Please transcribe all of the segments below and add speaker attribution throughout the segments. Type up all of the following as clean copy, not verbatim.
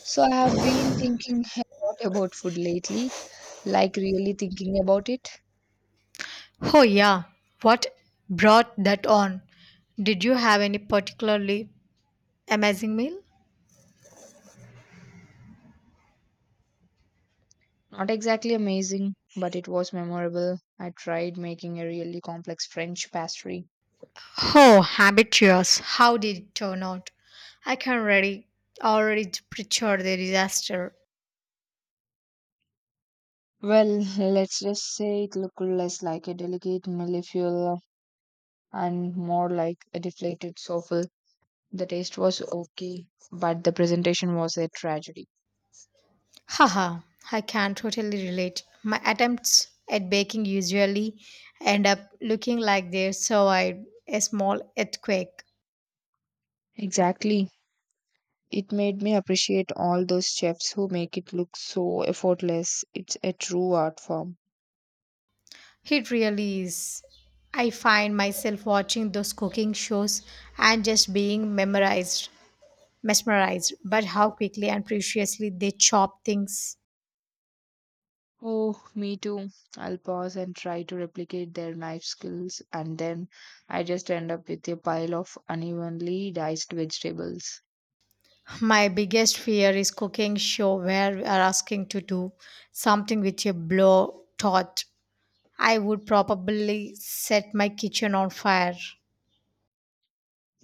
Speaker 1: So I have been thinking a lot about food lately, like really thinking about it.
Speaker 2: Oh, yeah. What brought that on? Did you have any particularly amazing meal?
Speaker 1: Not exactly amazing, but it was memorable. I tried making a really complex French pastry.
Speaker 2: Oh, habituous. How did it turn out? I can already picture the disaster.
Speaker 1: Well, let's just say it looked less like a delicate millefeuille and more like a deflated souffle. The taste was okay, but the presentation was a tragedy.
Speaker 2: Haha, I can totally relate. My attempts at baking usually end up looking like they survived a small earthquake.
Speaker 1: Exactly. It made me appreciate all those chefs who make it look so effortless. It's a true art form.
Speaker 2: It really is. I find myself watching those cooking shows and just being memorized. Mesmerized by how quickly and preciously they chop things.
Speaker 1: Oh, me too. I'll pause and try to replicate their knife skills, and then I just end up with a pile of unevenly diced vegetables.
Speaker 2: My biggest fear is cooking show where we are asking to do something with a blow torch. I would probably set my kitchen on fire.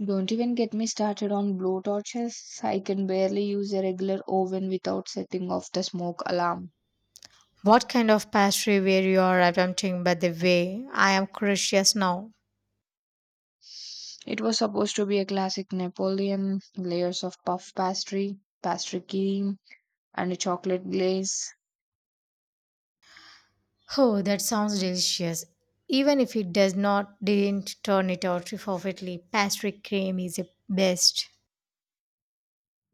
Speaker 1: Don't even get me started on blowtorches. I can barely use a regular oven without setting off the smoke alarm.
Speaker 2: What kind of pastry were you are attempting by the way? I am curious now.
Speaker 1: It was supposed to be a classic Napoleon, layers of puff pastry, pastry cream, and a chocolate glaze.
Speaker 2: Oh, that sounds delicious. Even if it does not didn't turn it out perfectly, pastry cream is the best.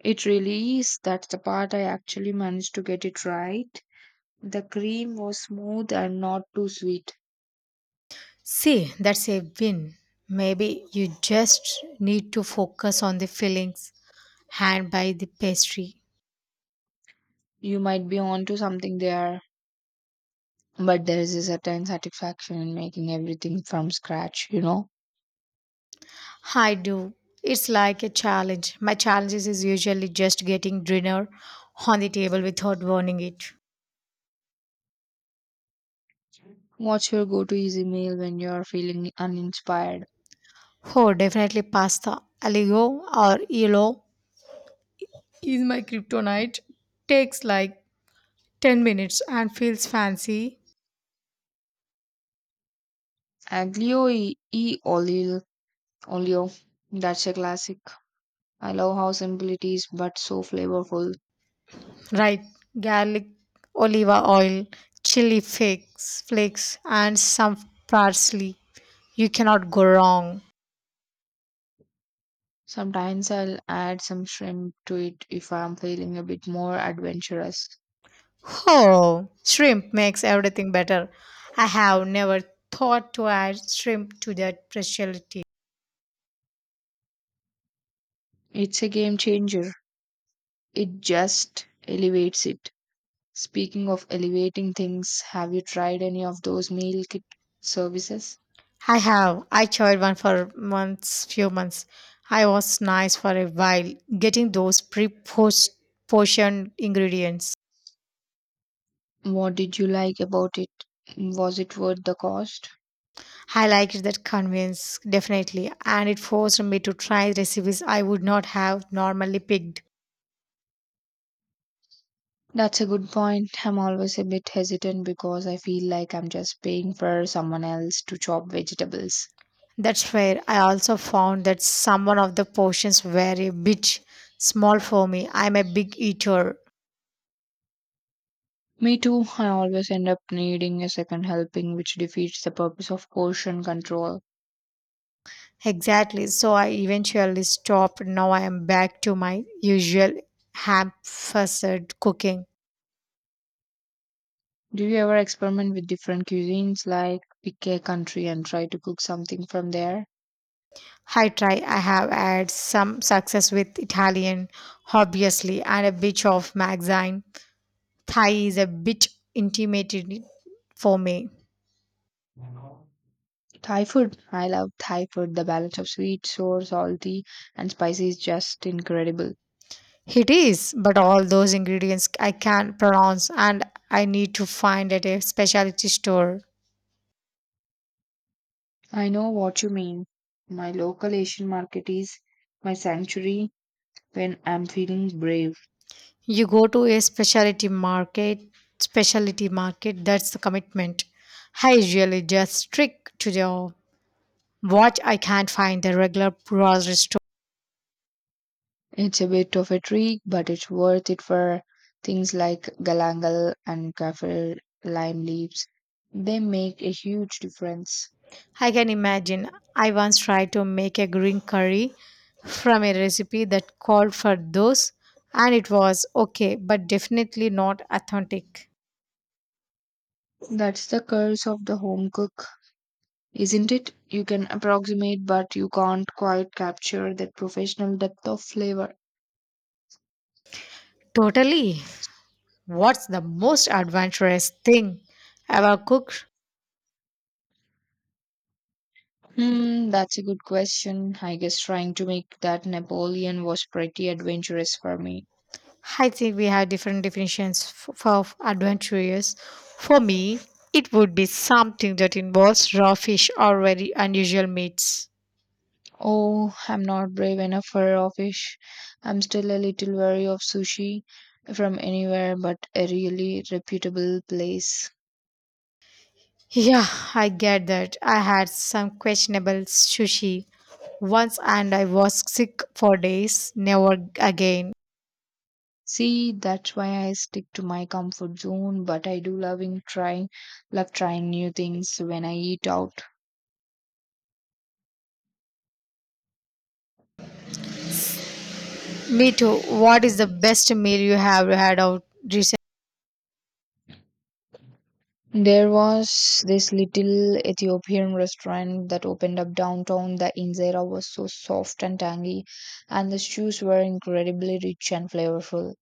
Speaker 1: It really is. That's the part I actually managed to get it right. The cream was smooth and not too sweet.
Speaker 2: See, that's a win. Maybe you just need to focus on the fillings and by the pastry.
Speaker 1: You might be onto something there, but there is a certain satisfaction in making everything from scratch, you know?
Speaker 2: I do. It's like a challenge. My challenges is usually just getting dinner on the table without burning it.
Speaker 1: What's your go to easy meal when you're feeling uninspired?
Speaker 2: Oh, definitely pasta. Aligo or Elo is my kryptonite. Takes like 10 minutes and feels fancy.
Speaker 1: Aglio e olio. That's a classic. I love how simple it is, but so flavorful.
Speaker 2: Right, garlic, olive oil, chili flakes, and some parsley. You cannot go wrong.
Speaker 1: Sometimes I'll add some shrimp to it if I'm feeling a bit more adventurous.
Speaker 2: Oh, shrimp makes everything better. I have never thought to add shrimp to that specialty.
Speaker 1: It's a game changer. It just elevates it. Speaking of elevating things, have you tried any of those meal kit services?
Speaker 2: I have. I tried one for few months. I was nice for a while, getting those pre-post portioned ingredients.
Speaker 1: What did you like about it? Was it worth the cost?
Speaker 2: I liked that convenience definitely, and it forced me to try recipes I would not have normally picked.
Speaker 1: That's a good point. I'm always a bit hesitant because I feel like I'm just paying for someone else to chop vegetables.
Speaker 2: That's where I also found that some of the portions were a bit small for me. I'm a big eater.
Speaker 1: Me too, I always end up needing a second helping, which defeats the purpose of portion control.
Speaker 2: Exactly, so I eventually stopped. Now I am back to my usual ham fussed cooking.
Speaker 1: Do you ever experiment with different cuisines, like pick a country and try to cook something from there?
Speaker 2: I try. I have had some success with Italian, obviously, and a bit of magazine Thai is a bit intimidating for me.
Speaker 1: Thai food. I love Thai food. The balance of sweet, sour, salty, and spicy is just incredible.
Speaker 2: It is, but all those ingredients I can't pronounce and I need to find at a specialty store.
Speaker 1: I know what you mean. My local Asian market is my sanctuary when I'm feeling brave.
Speaker 2: You go to a specialty market, that's the commitment. I usually just stick to the what I can't find the regular grocery.
Speaker 1: It's a bit of a trick, but it's worth it for things like galangal and kaffir lime leaves. They make a huge difference.
Speaker 2: I can imagine. I once tried to make a green curry from a recipe that called for those, and it was okay, but definitely not authentic.
Speaker 1: That's the curse of the home cook, isn't it? You can approximate, but you can't quite capture that professional depth of flavor.
Speaker 2: Totally. What's the most adventurous thing ever cooked?
Speaker 1: Hmm, that's a good question. I guess trying to make that Napoleon was pretty adventurous for me.
Speaker 2: I think we have different definitions for adventurous. For me, it would be something that involves raw fish or very unusual meats.
Speaker 1: Oh, I'm not brave enough for raw fish. I'm still a little wary of sushi from anywhere but a really reputable place.
Speaker 2: Yeah, I get that. I had some questionable sushi once and I was sick for days. Never again.
Speaker 1: See, that's why I stick to my comfort zone, but I do loving trying love trying new things when I eat out.
Speaker 2: Me too. What is the best meal you have had out recent?
Speaker 1: There was this little Ethiopian restaurant that opened up downtown. The injera was so soft and tangy, and the stews were incredibly rich and flavorful.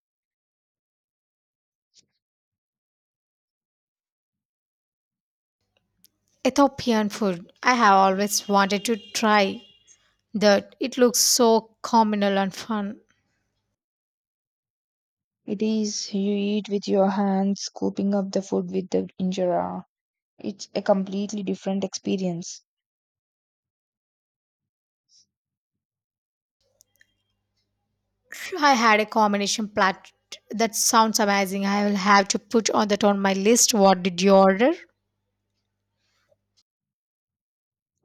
Speaker 2: Ethiopian food. I have always wanted to try that. It looks so communal and fun.
Speaker 1: It is you eat with your hands, scooping up the food with the injera. It's a completely different experience.
Speaker 2: I had a combination plat that sounds amazing. I will have to put on that on my list. What did you order?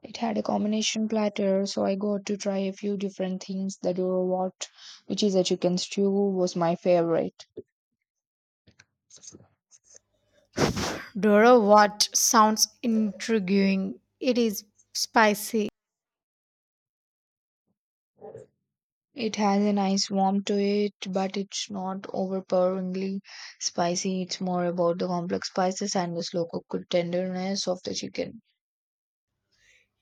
Speaker 1: It had a combination platter, so I got to try a few different things. The dorowat, which is a chicken stew, was my favorite.
Speaker 2: Dora what sounds intriguing. It is spicy.
Speaker 1: It has a nice warmth to it, but it's not overpoweringly spicy. It's more about the complex spices and the slow cooked tenderness of the chicken.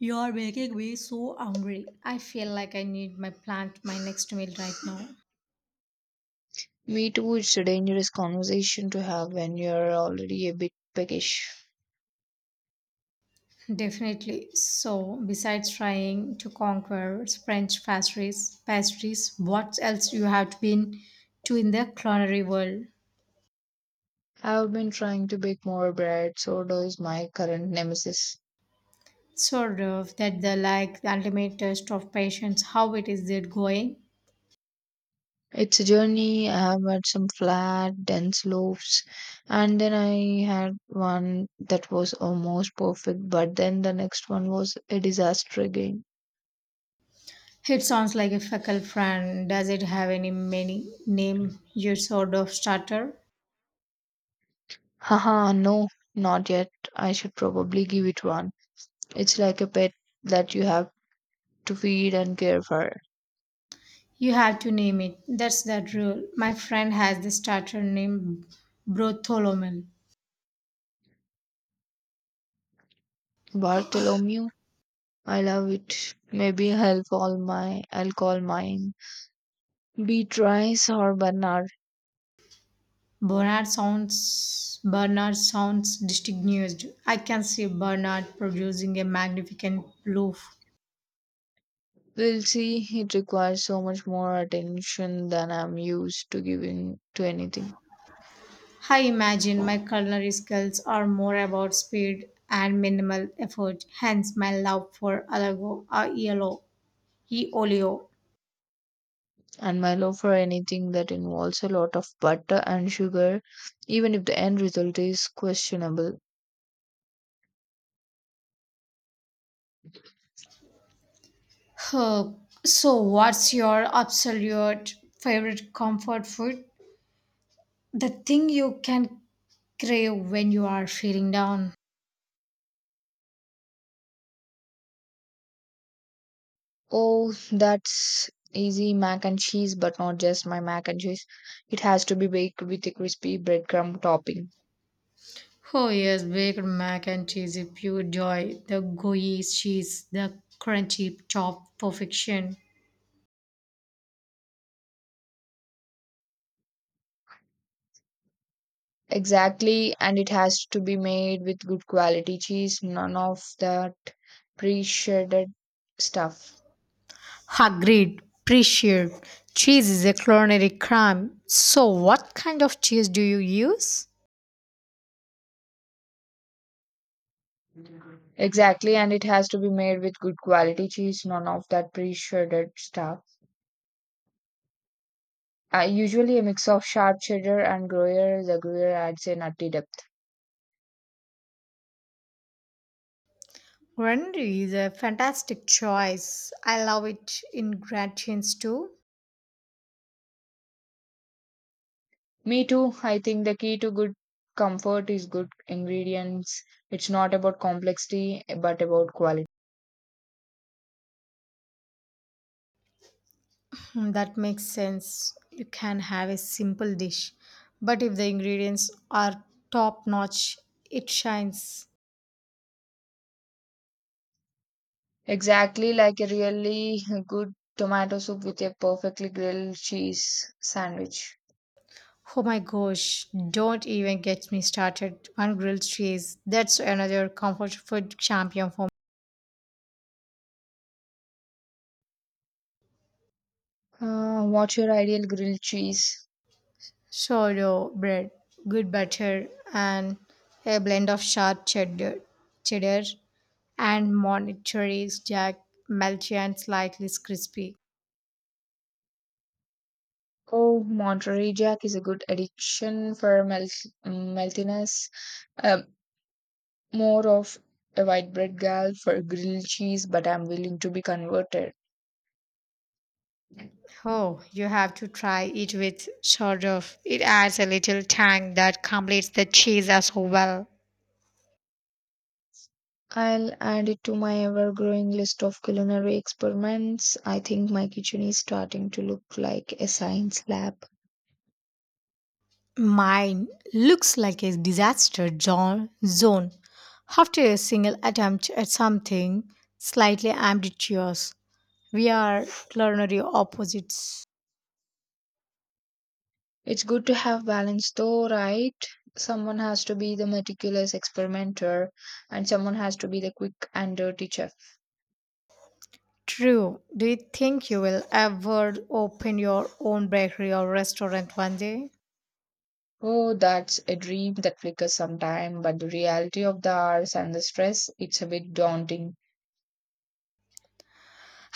Speaker 2: You are making me so hungry. I feel like I need my next meal right now.
Speaker 1: Me too, it's a dangerous conversation to have when you're already a bit peckish.
Speaker 2: Definitely. So, besides trying to conquer French pastries, what else you have been to in the culinary world?
Speaker 1: I've been trying to bake more bread, so does my current nemesis.
Speaker 2: Sort of that the like the ultimate test of patience. How it is it going?
Speaker 1: It's a journey. I have had some flat, dense loaves, and then I had one that was almost perfect, but then the next one was a disaster again.
Speaker 2: It sounds like a fecal friend. Does it have any many name? Your sort of starter.
Speaker 1: Haha, no, not yet. I should probably give it one. It's like a pet that you have to feed and care for.
Speaker 2: You have to name it. That's that rule. My friend has the starter name Bartholomew.
Speaker 1: Bartholomew, I love it. Maybe I'll call my I'll call mine Beatrice or Bernard.
Speaker 2: Bernard sounds distinguished. I can see Bernard producing a magnificent loaf.
Speaker 1: We'll see. It requires so much more attention than I'm used to giving to anything.
Speaker 2: I imagine my culinary skills are more about speed and minimal effort, hence my love for Alago or Yellow, E. Olio.
Speaker 1: And my love for anything that involves a lot of butter and sugar, even if the end result is questionable.
Speaker 2: Huh. So, what's your absolute favorite comfort food? The thing you can crave when you are feeling down.
Speaker 1: Oh, that's easy mac and cheese, but not just my mac and cheese. It has to be baked with a crispy breadcrumb topping.
Speaker 2: Oh, yes, baked mac and cheese is pure joy. The gooey cheese, the crunchy top perfection.
Speaker 1: Exactly, and it has to be made with good quality cheese, none of that pre shredded stuff.
Speaker 2: Agreed, appreciate. Cheese is a culinary crime. So, what kind of cheese do you use?
Speaker 1: Exactly, and it has to be made with good quality cheese, none of that pre shredded stuff. Usually, a mix of sharp cheddar and Gruyere. The Gruyere adds a nutty depth.
Speaker 2: Gruyere is a fantastic choice. I love it in gratins too.
Speaker 1: Me too. I think the key to good comfort is good ingredients. It's not about complexity, but about quality.
Speaker 2: Mm, that makes sense. You can have a simple dish, but if the ingredients are top notch, it shines.
Speaker 1: Exactly like a really good tomato soup with a perfectly grilled cheese sandwich.
Speaker 2: Oh my gosh, don't even get me started on grilled cheese. That's another comfort food champion for me.
Speaker 1: What's your ideal grilled cheese?
Speaker 2: Sourdough bread, good butter, and a blend of sharp cheddar and monterey jack, melty and slightly crispy.
Speaker 1: Oh, Monterey Jack is a good addition for meltiness. Um, More of a white bread gal for grilled cheese, but I'm willing to be converted.
Speaker 2: Oh, you have to try it with sort of. It adds a little tang that completes the cheese as well.
Speaker 1: I'll add it to my ever growing list of culinary experiments. I think my kitchen is starting to look like a science lab.
Speaker 2: Mine looks like a disaster zone after a single attempt at something slightly ambitious. We are culinary opposites.
Speaker 1: It's good to have balance though, right? Someone has to be the meticulous experimenter and someone has to be the quick and dirty chef.
Speaker 2: True. Do you think you will ever open your own bakery or restaurant one day?
Speaker 1: Oh, that's a dream that flickers sometime, but the reality of the hours and the stress, it's a bit daunting.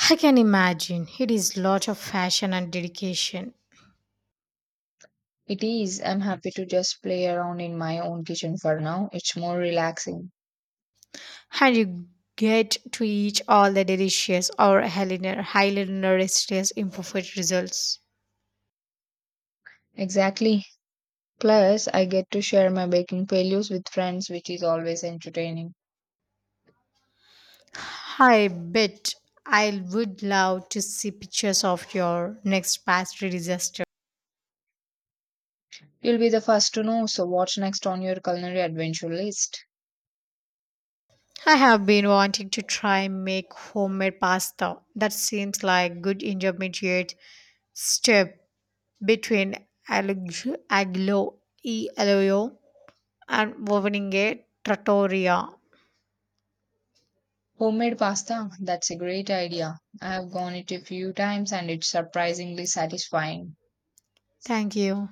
Speaker 2: I can imagine. It is lot of fashion and dedication.
Speaker 1: It is. I'm happy to just play around in my own kitchen for now. It's more relaxing.
Speaker 2: And you get to eat all the delicious or highly nutritious imperfect results.
Speaker 1: Exactly. Plus, I get to share my baking failures with friends, which is always entertaining.
Speaker 2: I bet I would love to see pictures of your next pastry disaster.
Speaker 1: You'll be the first to know, so what's next on your culinary adventure list?
Speaker 2: I have been wanting to try make homemade pasta. That seems like good intermediate step between aglio e olio and opening a trattoria.
Speaker 1: Homemade pasta, that's a great idea. I have gone it a few times and it's surprisingly satisfying.
Speaker 2: Thank you.